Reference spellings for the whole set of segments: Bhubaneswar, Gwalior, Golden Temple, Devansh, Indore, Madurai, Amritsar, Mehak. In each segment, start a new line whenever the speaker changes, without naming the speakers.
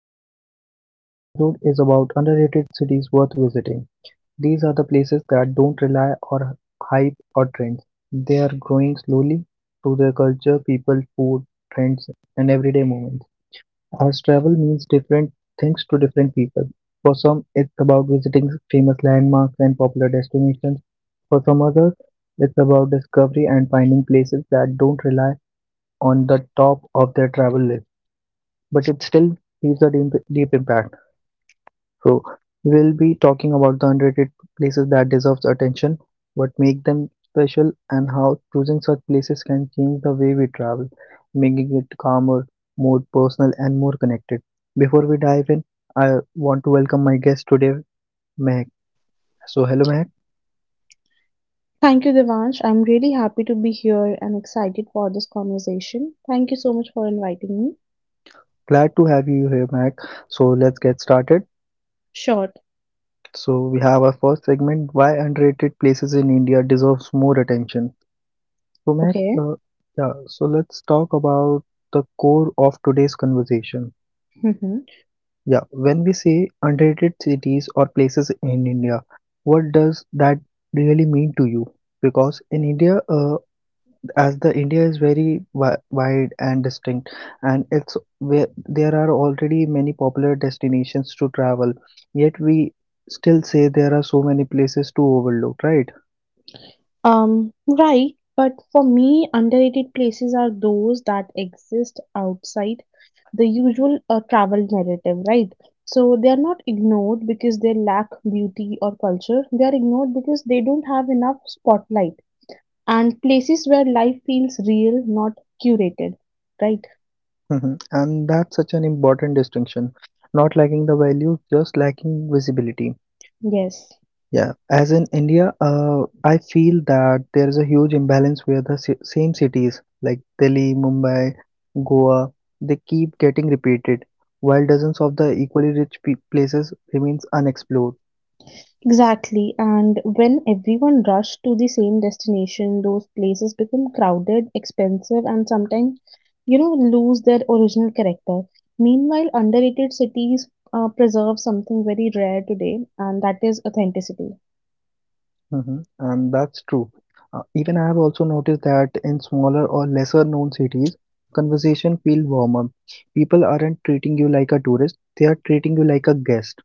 today. So today's episode is about underrated cities worth visiting. These are the places that don't rely on hype or trends. They are growing slowly through their culture, people, food, trends, and everyday moments. As travel means different things to different people. For some it's about visiting famous landmarks and popular destinations. For some others it's about discovery and finding places that don't rely on the top of their travel list, but it still leaves a deep, deep impact. So we'll be talking about the underrated places that deserves attention, what make them special, and how choosing such places can change the way we travel, making it calmer, more personal, and more connected. Before we dive in, I want to welcome my guest today, Mehak. So hello, Mehak.
Thank you, Devansh. I'm really happy to be here and excited for this conversation. Thank you so much for inviting me.
Glad to have you here, Mehak. So let's get started.
Sure.
So we have our first segment, why underrated places in India deserves more attention. So Mac,
Okay.
yeah, so let's talk about the core of today's conversation.
hmm
Yeah, when we say underrated cities or places in India, what does that really mean to you? Because in India, as the India is very wide and distinct, and it's where there are already many popular destinations to travel, yet we still say there are so many places to overlook, right?
Um, right. But for me, underrated places are those that exist outside the usual travel narrative, right? So they are not ignored because they lack beauty or culture. They are ignored because they don't have enough spotlight, and places where life feels real, not curated, right?
Mhm. And that's such an important distinction. Not lacking the values, just lacking visibility.
Yes.
Yeah. As in India, I feel that there is a huge imbalance where the same cities like Delhi, Mumbai, Goa, they keep getting repeated, while dozens of the equally rich places remains unexplored.
Exactly, and when everyone rushed to the same destination, those places become crowded, expensive, and sometimes, lose their original character. Meanwhile, underrated cities preserve something very rare today, and that is authenticity.
Mhm. And that's true. Even I have also noticed that in smaller or lesser known cities, conversation feel warmer. People aren't treating you like a tourist, they are treating you like a guest.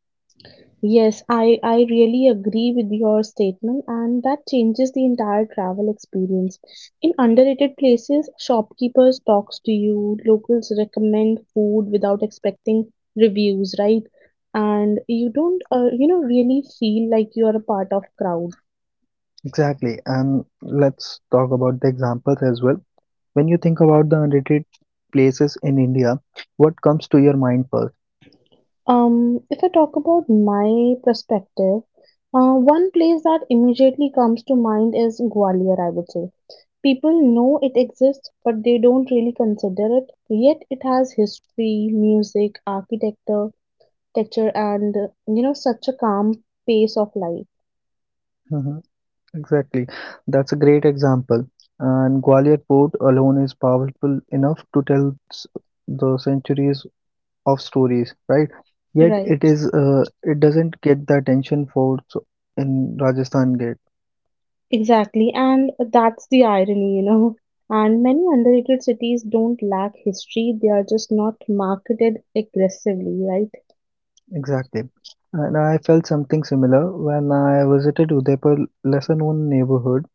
Yes, I really agree with your statement, and that changes the entire travel experience. In underrated places, shopkeepers talks to you, locals recommend food without expecting reviews, right? And you don't, really feel like you are a part of crowd.
Exactly. And let's talk about the examples as well. When you think about the underrated places in India, what comes to your mind first?
If I talk about my perspective, one place that immediately comes to mind is Gwalior, I would say. People know it exists, but they don't really consider it. Yet it has history, music, architecture, texture, and such a calm pace of life.
Mm-hmm. Exactly. That's a great example. And Gwalior Port alone is powerful enough to tell the centuries of stories, right? Yet
Right,
it doesn't get the attention for so- in Rajasthan Gate
exactly. And that's the irony, you know. And many underrated cities don't lack history, they are just not marketed aggressively, right?
exactly. And I felt something similar when I visited Udaipur, lesser known neighborhood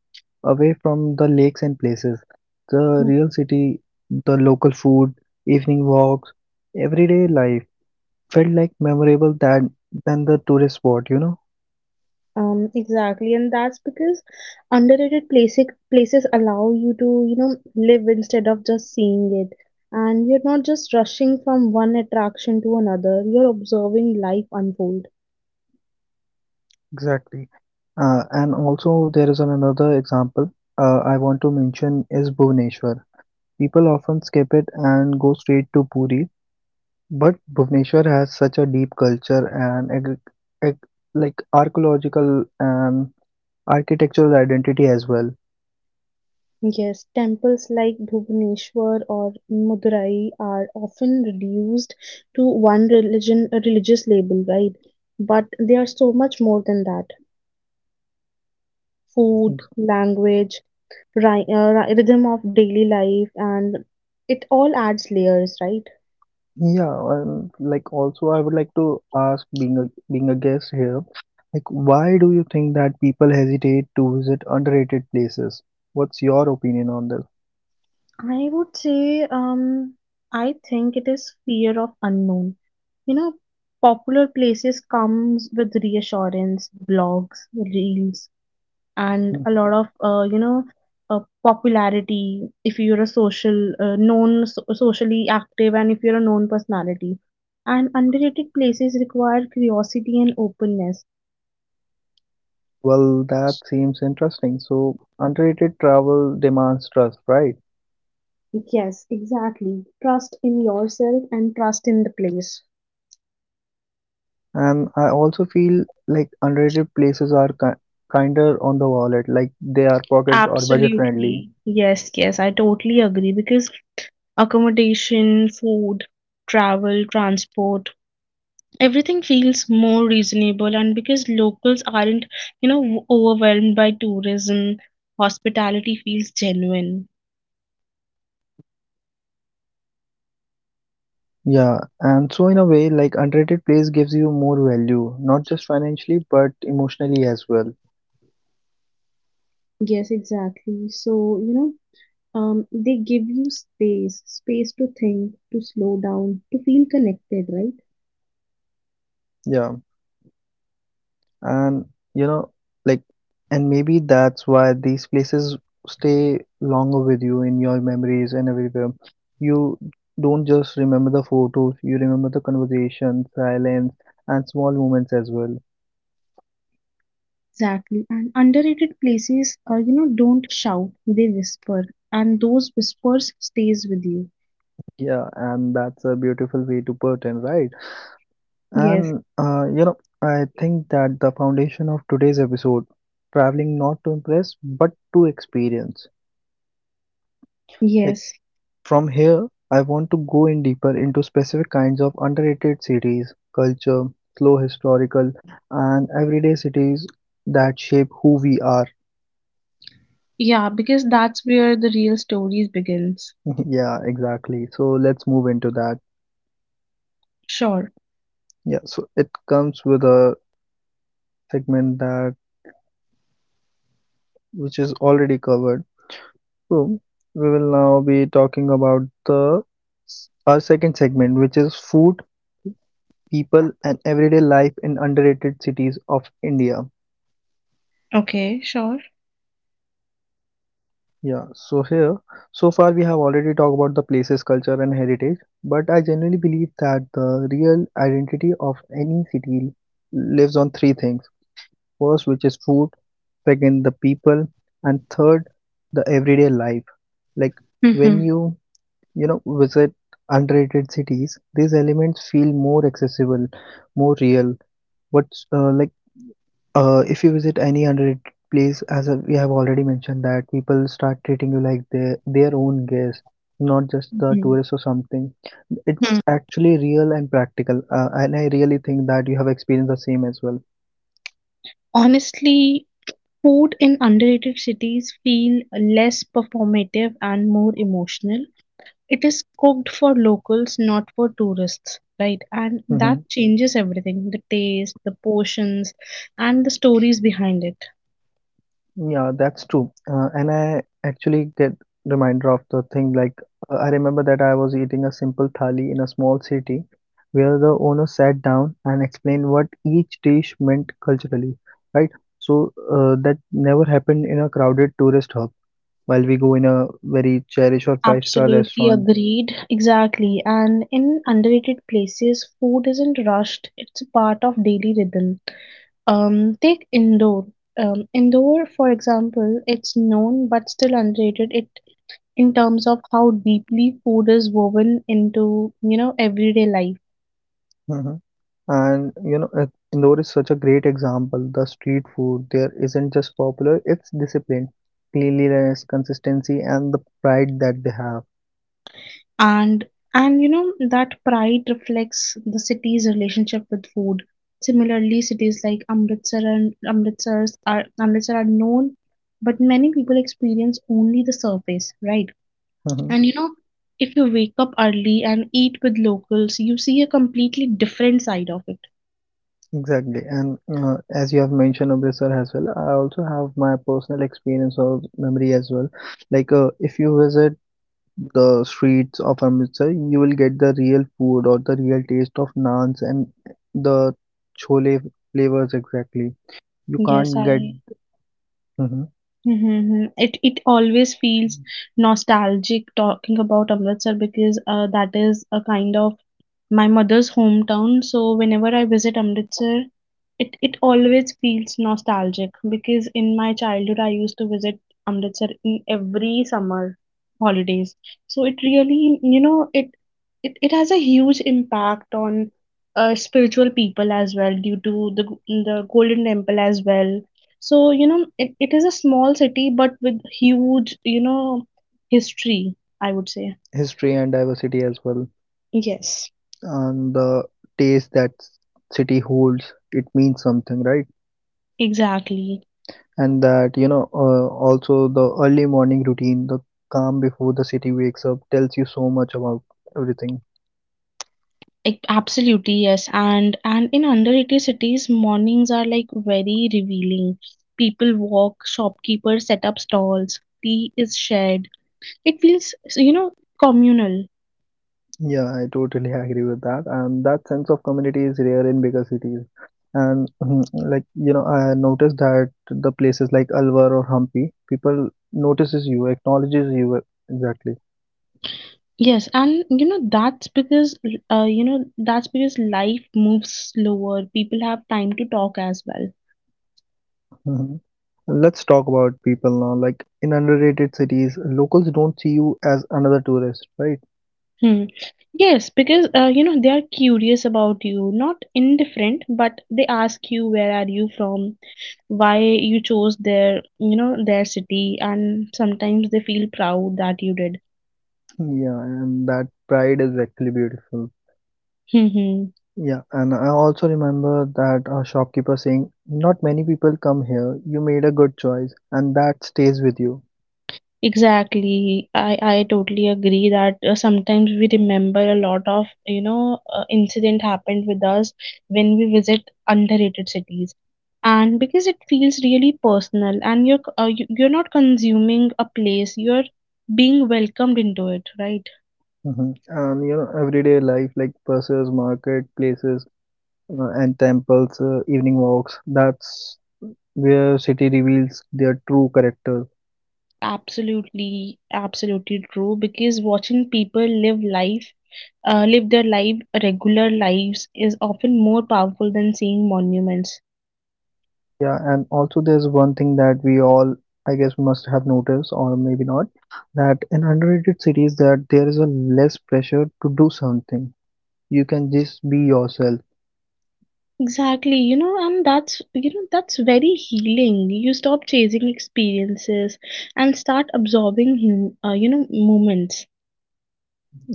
away from the lakes and places, the real city, the local food, evening walks, everyday life felt like memorable than the tourist spot, you know?
Exactly, and that's because underrated places allow you to, live instead of just seeing it. And you're not just rushing from one attraction to another, you're observing life unfold.
Exactly. And also there is another example I want to mention is Bhubaneswar. People often skip it and go straight to Puri, but Bhubaneswar has such a deep culture and ag- like archaeological and architectural identity as well.
Yes, temples like Bhubaneswar or Madurai are often reduced to one religion, a religious label, right? But they are so much more than that. Food, language, rhythm of daily life, and it all adds layers, right?
Yeah, like also I would like to ask, being a guest here, like why do you think that people hesitate to visit underrated places? What's your opinion on this?
I would say, I think it is fear of unknown. You know, popular places comes with reassurance, blogs, reels, and a
Mhm.
lot of, uh, popularity. If you're a social, known, socially active, and if you're a known personality, and underrated places require curiosity and openness.
Well, that seems interesting. So underrated travel demands trust, right?
Yes, exactly. Trust in yourself and trust in the place.
And I also feel like underrated places are ki kinder on the wallet, like they are pocket or budget friendly.
Absolutely. Yes, yes, I totally agree because accommodation, food, travel, transport, everything feels more reasonable and because locals aren't, overwhelmed by tourism, hospitality feels genuine.
Yeah, and so in a way, like underrated place gives you more value, not just financially, but emotionally as well.
Yes, exactly. So, they give you space, space to think, to slow down, to feel connected, right?
Yeah, and you know, like, and maybe that's why these places stay longer with you in your memories and everywhere. You don't just remember the photos, you remember the conversation, silence, and small moments as well.
Exactly. And underrated places, don't shout, they whisper. And those whispers stays with you.
Yeah, and that's a beautiful way to put in, right?
Yes,
And I think that the foundation of today's episode, traveling not to impress but to experience. Like
yes.
from here, I want to go in deeper into specific kinds of underrated cities, culture, slow historical, and everyday cities that shape who we are.
Yeah, because that's where the real stories begins.
Yeah, exactly. So let's move into that.
Sure.
Yeah, so it comes with a segment that which is already covered. So we will now be talking about the our second segment, which is food, people, and everyday life in underrated cities of India.
Okay, sure.
Yeah. So here, so far we have already talked about the places, culture, and heritage. But I genuinely believe that the real identity of any city lives on three things. First, which is food. Second, the people, and third, the everyday life. Like when
Mm-hmm.
you know visit underrated cities, these elements feel more accessible, more real, but like if you visit any underrated place we have already mentioned that people start treating you like their own guest, not just the
Mm-hmm.
tourist or something. It's
Hmm.
actually real and practical, and I really think that you have experienced the same as well.
Honestly, food in underrated cities feel less performative and more emotional. It is cooked for locals, not for tourists, right? And
Mm-hmm.
that changes everything, the taste, the portions, and the stories behind it.
Yeah, that's true. And I actually get reminder of the thing, like I remember that I was eating a simple thali in a small city where the owner sat down and explained what each dish meant culturally, right? So that never happened in a crowded tourist hub while we go in a very cherished or five-star
Absolutely
restaurant.
agreed. Exactly. And in underrated places, food isn't rushed. It's a part of daily rhythm. Take Indore. Indore, for example, it's known but still underrated. It in terms of how deeply food is woven into everyday life.
Hmm. And Indore is such a great example. The street food there isn't just popular, it's discipline, cleanliness, consistency, and the pride that they have.
And you know that pride reflects the city's relationship with food. Similarly, cities like Amritsar and Amritsar are known, but many people experience only the surface, right? And you know, if you wake up early and eat with locals, you see a completely different side of it.
Exactly, and as you have mentioned Amritsar as well, I also have my personal experience or memory as well. Like, if you visit the streets of Amritsar, you will get the real food or the real taste of naans and the chole flavors exactly. You
Yes,
can't
I.
get. Mhm.
Mm-hmm. It always feels nostalgic talking about Amritsar because that is a kind of my mother's hometown. So whenever I visit Amritsar, it always feels nostalgic because in my childhood I used to visit Amritsar in every summer holidays. So it really, you know, it has a huge impact on spiritual people as well due to the Golden Temple as well. So you know, it is a small city but with huge, history. I would say
History and diversity as well,
yes,
and the taste that city holds. It means something, right?
exactly.
And that, also the early morning routine, the calm before the city wakes up, tells you so much about everything.
Like, absolutely, yes. And in underrated cities, mornings are like very revealing. People walk, shopkeepers set up stalls, tea is shared. It feels, communal.
Yeah, I totally agree with that, and that sense of community is rare in bigger cities. And like I noticed that the places like Alwar or Hampi, people notices you, acknowledges you, exactly.
Yes, and you know that's because that's because life moves slower. People have time to talk as well.
Mhm. Let's talk about people now. Like in underrated cities, locals don't see you as another tourist, right?
Hmm. Yes, because they are curious about you, not indifferent, but they ask you where are you from, why you chose their their city, and sometimes they feel proud that you did.
Yeah, and that pride is actually beautiful. Yeah, and I also remember that a shopkeeper saying, "Not many people come here. You made a good choice, and that stays with you."
Exactly. I totally agree that sometimes we remember a lot of, incident happened with us when we visit underrated cities. And because it feels really personal and you're, you're not consuming a place, you're being welcomed into it, right?
Hmm. And everyday life like buses, market places, and temples, evening walks. That's where city reveals their true character.
Absolutely, absolutely true. Because watching people live life, live their life, regular lives is often more powerful than seeing monuments.
Yeah, and also there's one thing that we all, I guess, must have noticed, or maybe not, that in underrated cities that there is a less pressure to do something. You can just be yourself.
Exactly, you know, and that's that's very healing. You stop chasing experiences and start absorbing hum, you know moments.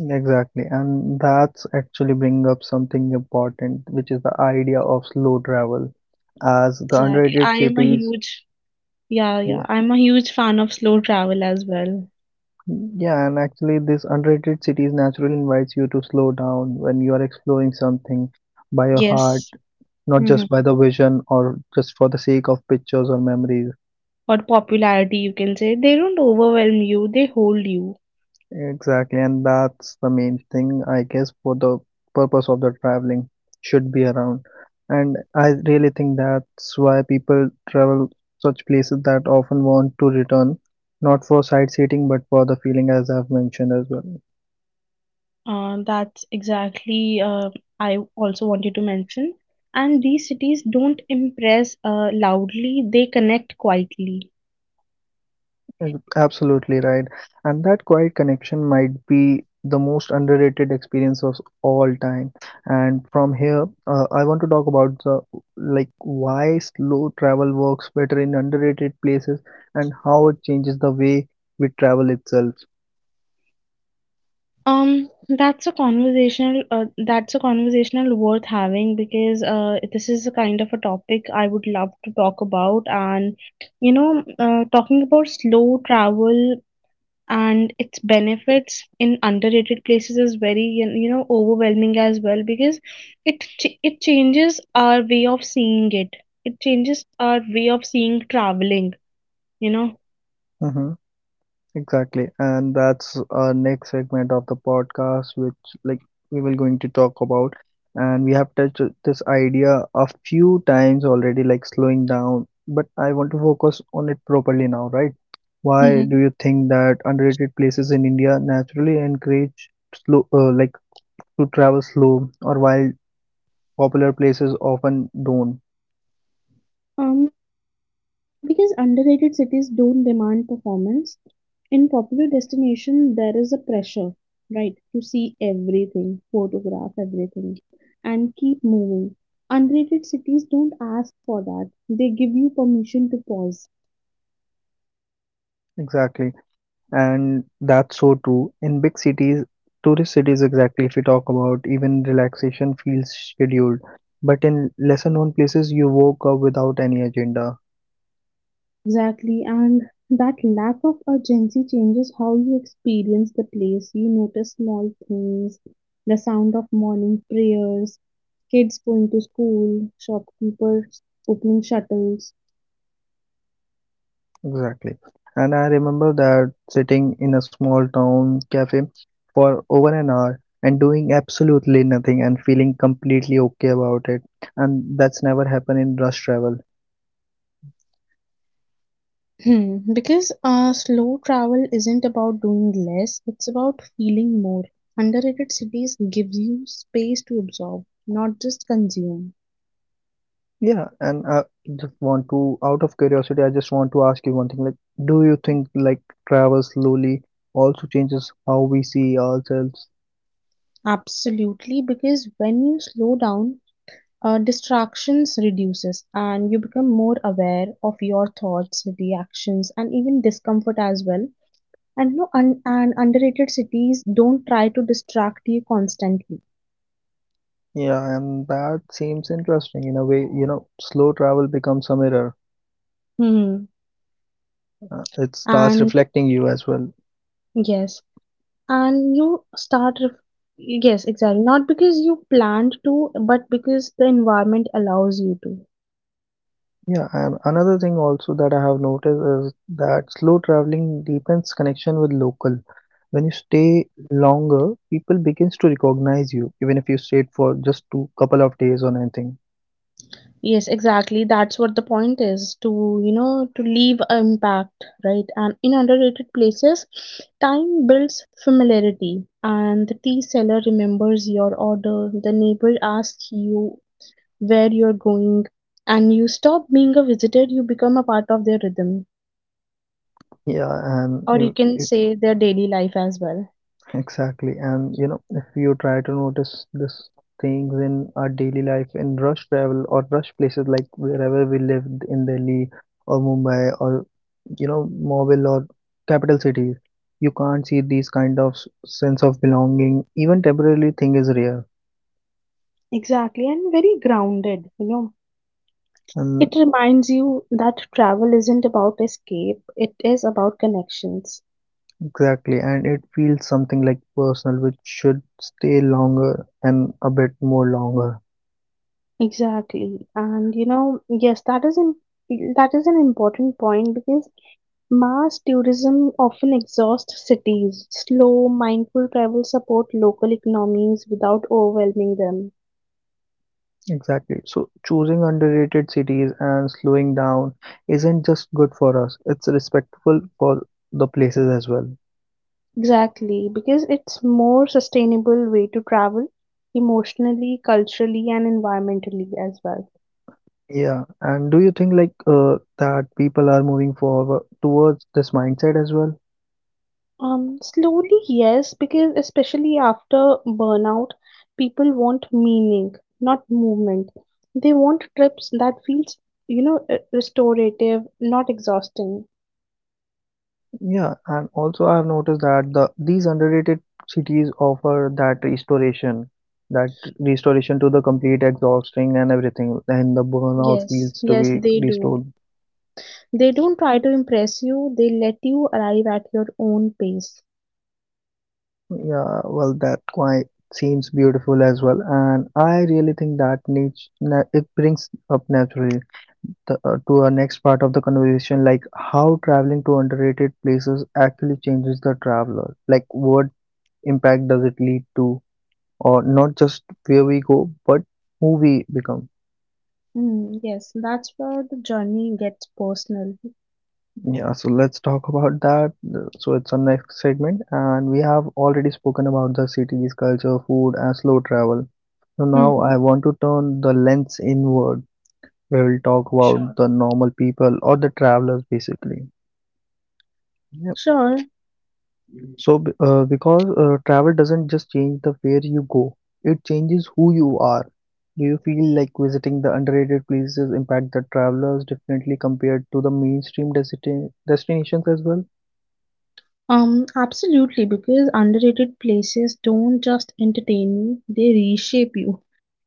Exactly, and that's actually bring up something important, which is the idea of slow travel as the
Exactly. I
underrated
am a
cities.
huge yeah.
Yeah,
I'm a huge fan of slow travel as well.
yeah, and actually, this underrated cities naturally invites you to slow down when you are exploring something by your heart,
Yes.
not
hmm
just by the vision or just for the sake of pictures or memories.
Or popularity, you can say. They don't overwhelm you, they hold you.
Exactly, and that's the main thing, I guess, for the purpose of the traveling should be around. And I really think that's why people travel such places that often want to return, not for sightseeing but for the feeling, as I've mentioned as well.
That's exactly I also wanted to mention. And these cities don't impress loudly, they connect quietly.
Mm. Absolutely right. And that quiet connection might be the most underrated experience of all time. And from here, I want to talk about, the like, why slow travel works better in underrated places and how it changes the way we travel itself.
That's a conversational that's a conversational worth having because this is a kind of a topic I would love to talk about and talking about slow travel and its benefits in underrated places is very overwhelming as well because it changes our way of seeing it. It changes our way of seeing traveling, you know.
Mm-hmm. Exactly, and that's our next segment of the podcast, which like we will going to talk about, and we have touched this idea a few times already, like slowing down. But I want to focus on it properly now, right? Why do you think that underrated places in India naturally encourage slow, like, to travel slow, or while popular places often don't?
Mhm. Because underrated cities don't demand performance. In popular destination, there is a pressure, right, to see everything, photograph everything, and keep moving. Underrated cities don't ask for that. They give you permission to pause.
Exactly. And that's so true. In big cities, tourist cities exactly, if you talk about, even relaxation feels scheduled. But in lesser known places, you woke up without any agenda.
Exactly, and that lack of urgency changes how you experience the place. You notice small things, the sound of morning prayers, kids going to school, shopkeepers opening shuttles.
Exactly. And I remember that sitting in a small town cafe for over an hour and doing absolutely nothing and feeling completely okay about it. And that's never happened in rush travel.
Hmm, because slow travel isn't about doing less, it's about feeling more. Underrated cities gives you space to absorb, not just consume.
Yeah, and I just want to, out of curiosity, I just want to ask you one thing. Like, do you think like travel slowly also changes how we see ourselves?
Absolutely, because when you slow down, distractions reduces and you become more aware of your thoughts, reactions, and even discomfort as well. And no, un- and underrated cities don't try to distract you constantly.
Yeah, and that seems interesting in a way. You know, slow travel becomes a mirror.
Hmm.
It starts
And
reflecting you as well.
yes, and you start ref- yes, exactly, not because you planned to but because the environment allows you to.
Yeah, and another thing also that I have noticed is that slow traveling deepens connection with local. When you stay longer, people begins to recognize you, even if you stayed for just two couple of days or anything.
Yes, exactly, that's what the point is, to to leave an impact, right? And in underrated places, time builds familiarity, and the tea seller remembers your order, the neighbor asks you where you're going, and you stop being a visitor, you become a part of their rhythm,
Yeah, and
or you can say their daily life as well.
exactly. And you know, if you try to notice these things in our daily life, in rush travel or rush places like wherever we lived in Delhi or Mumbai or you know, mobile or capital cities, you can't see these kind of sense of belonging. Even temporarily, thing is rare.
Exactly, and very grounded, you know. It
And
reminds you that travel isn't about escape, it is about connections.
exactly, and it feels something like personal, which should stay longer and a bit more longer.
Exactly. And you know, yes, that is an important point because mass tourism often exhausts cities. Slow, mindful travel support local economies without overwhelming them.
Exactly. So choosing underrated cities and slowing down isn't just good for us, it's respectful for the places as well.
Exactly, because it's more sustainable way to travel emotionally, culturally, and environmentally as well.
Yeah. And do you think like that people are moving forward towards this mindset as well?
Slowly, yes, because especially after burnout, people want meaning, not movement. They want trips that feels, restorative, not exhausting.
Yeah, and also I've noticed that these underrated cities offer that restoration to the complete exhausting and everything, and the burnout
Yes,
feels to
yes,
be
they do.
restored.
They don't try to impress you, they let you arrive at your own pace.
Yeah, well, that quite seems beautiful as well, and I really think that it brings up naturally the, to our next part of the conversation, like how traveling to underrated places actually changes the traveler. Like, what impact does it lead to, or not just where we go, but who we become.
Mm, yes, that's where the journey gets personal.
Yeah, so let's talk about that. So it's our next segment, and we have already spoken about the cities, culture, food, and slow travel. So now
hmm
I want to turn the lens inward. We will talk
Sure.
about the normal people or the travelers basically. Yep.
Sure.
So because travel doesn't just change the where you go, it changes who you are. Do you feel like visiting the underrated places impact the travelers differently compared to the mainstream destinations as well?
Absolutely, because underrated places don't just entertain you, they reshape you.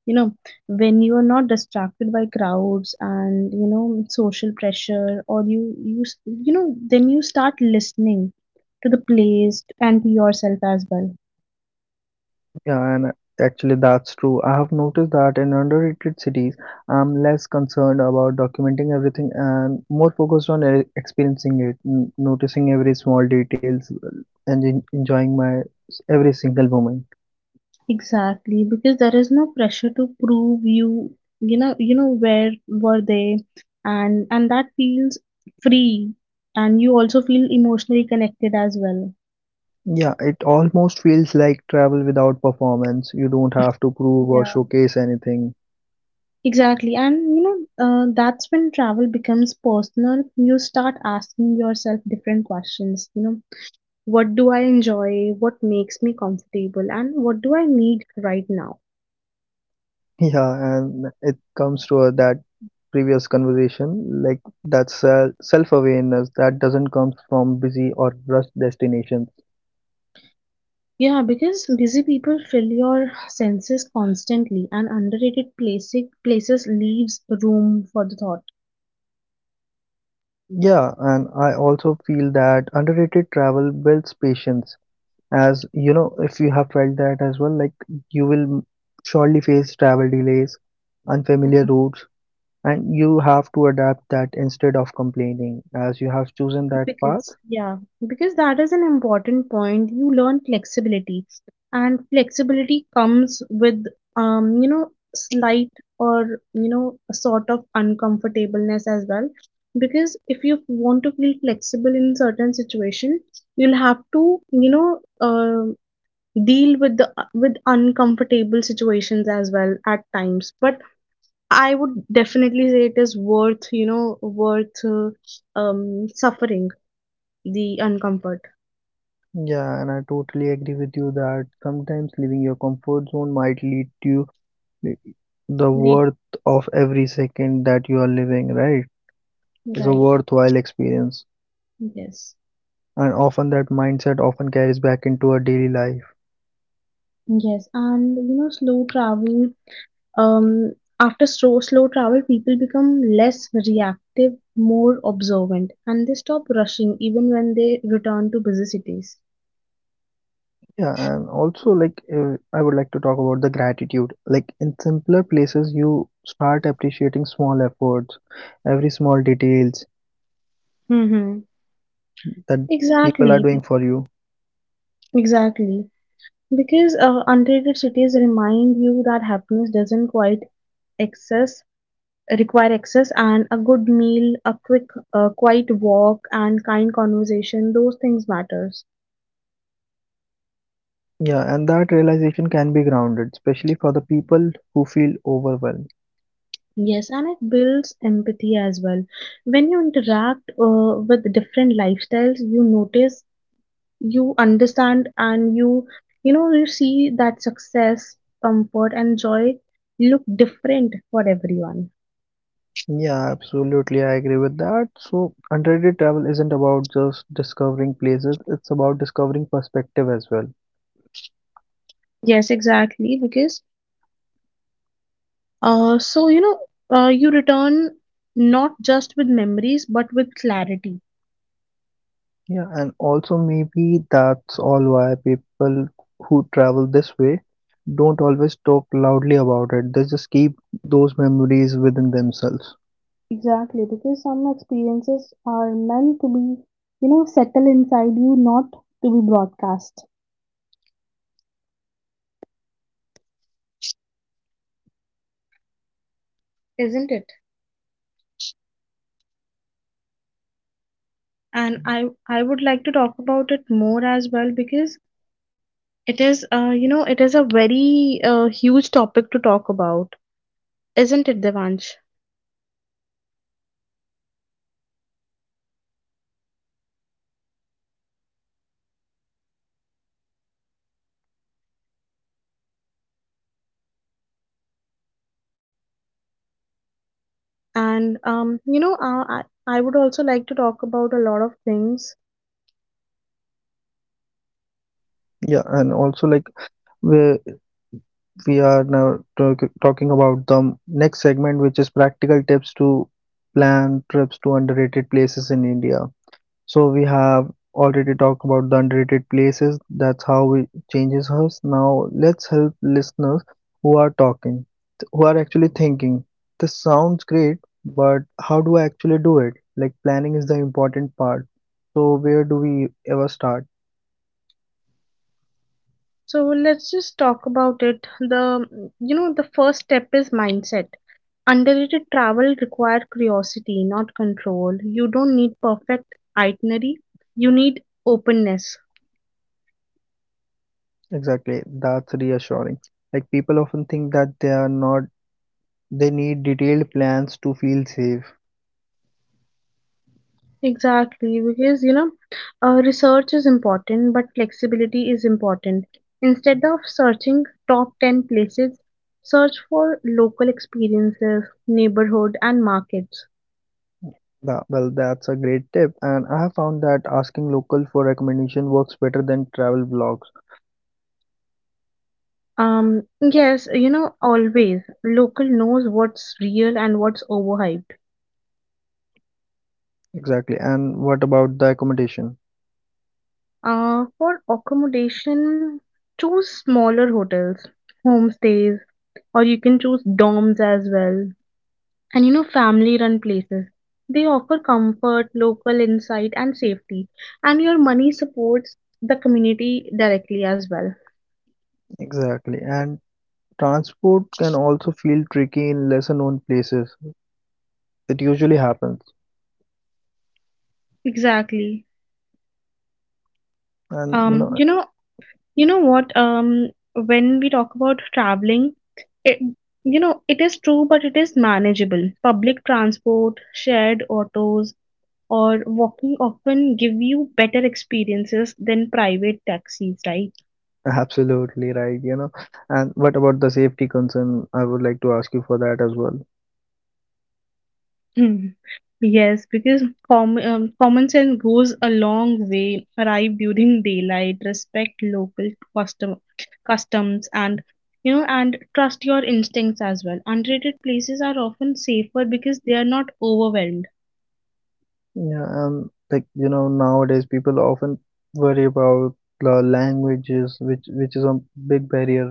You know, when you are not distracted by crowds and social pressure or you s- you know then you start listening to the place and to yourself as well.
Yeah, and actually that's true. I have noticed that in underrated cities, I'm less concerned about documenting everything and more focused on experiencing it, noticing every small details and enjoying my every single moment.
Exactly, because there is no pressure to prove you know where were they. And that feels free, and you also feel emotionally connected as well.
Yeah, it almost feels like travel without performance. You don't have to prove or
Yeah.
showcase anything.
Exactly. And you know, that's when travel becomes personal. You start asking yourself different questions. You know, what do I enjoy? What makes me comfortable? And what do I need right now?
Yeah, and it comes to that previous conversation, like that's self-awareness that doesn't come from busy or rushed destinations.
Yeah, because busy people fill your senses constantly, and underrated places leaves room for the thought.
Yeah, and I also feel that underrated travel builds patience. As you know, if you have felt that as well, like you will surely face travel delays, unfamiliar routes, and you have to adapt that instead of complaining, as you have chosen that path.
Because, yeah, because that is an important point. You learn flexibility, and flexibility comes with, slight or, a sort of uncomfortableness as well. Because if you want to feel flexible in certain situation, you'll have to, deal with the with uncomfortable situations as well at times. But I would definitely say it is worth, worth suffering the uncomfort.
Yeah, and I totally agree with you that sometimes leaving your comfort zone might lead to the
The
worth of every second that you are living, right? It's a
right.
worthwhile experience.
Yes.
And often that mindset often carries back into our daily life.
Yes, and you know, slow travel. Um, after slow travel, people become less reactive, more observant, and they stop rushing even when they return to busy cities.
Yeah, and also like I would like to talk about the gratitude, like in simpler places you start appreciating small efforts, every small details
Mm-hmm.
that people are
Exactly,
doing for you.
exactly. Because untreated cities remind you that happiness doesn't quite excess require excess, and a good meal, a quick, quiet walk, and kind conversation. Those things matters.
Yeah, and that realization can be grounded especially for the people who feel overwhelmed.
Yes, and it builds empathy as well. When you interact with different lifestyles, you notice, you understand, and you see that success, comfort, and joy look different for everyone.
Yeah, absolutely. I agree with that. So, underrated travel isn't about just discovering places, it's about discovering perspective as well.
Yes, exactly. Because, uh, so, you know, you return not just with memories, but with clarity.
Yeah, and also maybe that's all why people who travel this way don't always talk loudly about it. They just keep those memories within themselves.
Exactly, because some experiences are meant to be, settle inside you, not to be broadcast. Isn't it? And I would like to talk about it more as well because it is it is a very huge topic to talk about, isn't it, Devansh? And you know uh, i I would also like to talk about a lot of things.
Yeah, and also like we we are now talking about the next segment, which is practical tips to plan trips to underrated places in India. So we have already talked about the underrated places. That's how it changes us. Now let's help listeners who are talking, who are actually thinking. This sounds great, but how do I actually do it? Like planning is the important part. So where do we ever start?
So let's just talk about it. The the first step is mindset. Underrated travel require curiosity, not control. You don't need perfect itinerary, you need openness.
Exactly, that's reassuring. Like people often think that they are not they need detailed plans to feel safe.
Exactly, because you know, research is important, but flexibility is important. Instead of searching top 10 places, search for local experiences, neighborhood, and markets.
Well, that's a great tip, and I have found that asking local for recommendation works better than travel blogs.
Yes, you know, always local knows what's real and what's overhyped.
Exactly. And what about the accommodation?
For accommodation, choose smaller hotels, homestays, or you can choose dorms as well. And you know, family run places. They offer comfort, local insight, and safety. And your money supports the community directly as well.
Exactly. And transport can also feel tricky in lesser known places. It usually happens.
Exactly.
And you
Um,
know,
you know, you know what? When we talk about traveling, it, you know, it is true, but it is manageable. Public transport, shared autos, or walking often give you better experiences than private taxis, right?
absolutely right, you know. And what about the safety concern? I would like to ask you for that as well.
Hmm. Yes, because common sense goes a long way. Arrive during daylight, respect local custom customs, and and trust your instincts as well. Unrated places are often safer because they are not overwhelmed.
Yeah, like you know, nowadays people often worry about the languages, which is a big barrier.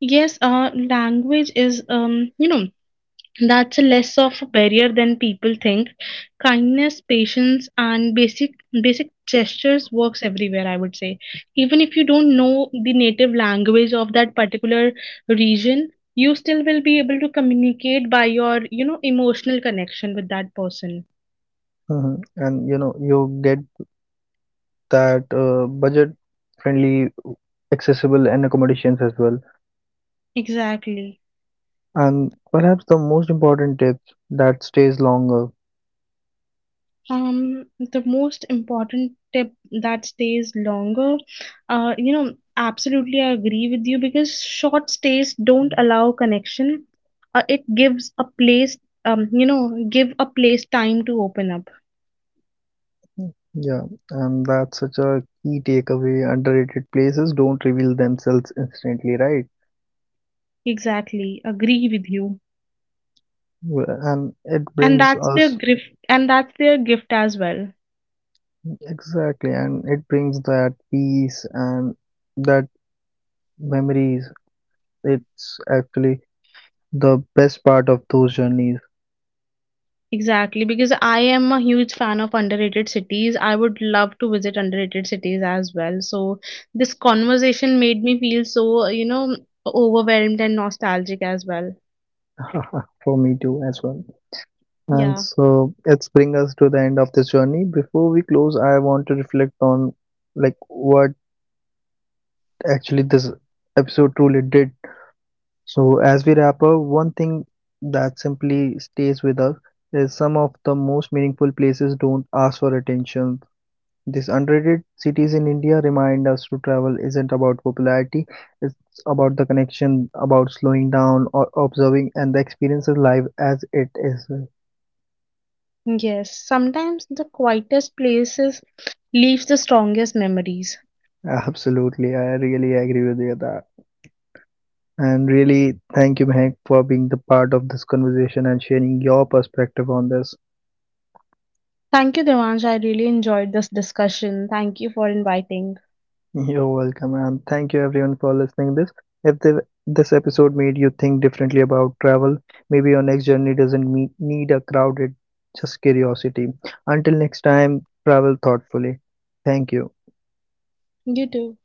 Yes, language is that's less of a barrier than people think. Kindness, patience, and basic gestures works everywhere, I would say. Even if you don't know the native language of that particular region, you still will be able to communicate by your emotional connection with that person.
Mhm. And you know, you get that budget-friendly, accessible, and accommodations as well.
Exactly.
And perhaps the most important tip that stays longer.
The most important tip that stays longer, absolutely I agree with you because short stays don't allow connection. It gives a place, you know, Give a place time to open up.
Yeah, and that's such a key takeaway. Underrated places don't reveal themselves instantly, right?
Exactly, agree with you.
Well, and it
And
brings
that's
us
their gift, and that's their gift as well.
exactly, and it brings that peace and that memories. It's actually the best part of those journeys.
Exactly, because I am a huge fan of underrated cities. I would love to visit underrated cities as well. So this conversation made me feel so, overwhelmed and nostalgic as well.
For me too, as well. And
Yeah.
so it's bring us to the end of this journey. Before we close, I want to reflect on like what actually this episode truly did. So as we wrap up, one thing that simply stays with us is some of the most meaningful places don't ask for attention. These underrated cities in India remind us to travel isn't about popularity, it's about the connection, about slowing down or observing and the experience of life as it is.
Yes. Sometimes the quietest places leaves the strongest memories.
Absolutely, I really agree with you that. And really, thank you, Mehak, for being the part of this conversation and sharing your perspective on this.
Thank you, Devansh. I really enjoyed this discussion. Thank you for inviting.
You're welcome, and thank you everyone for listening this. If this episode made you think differently about travel, maybe your next journey doesn't meet, need a crowded, just curiosity. Until next time, travel thoughtfully. Thank you.
You too.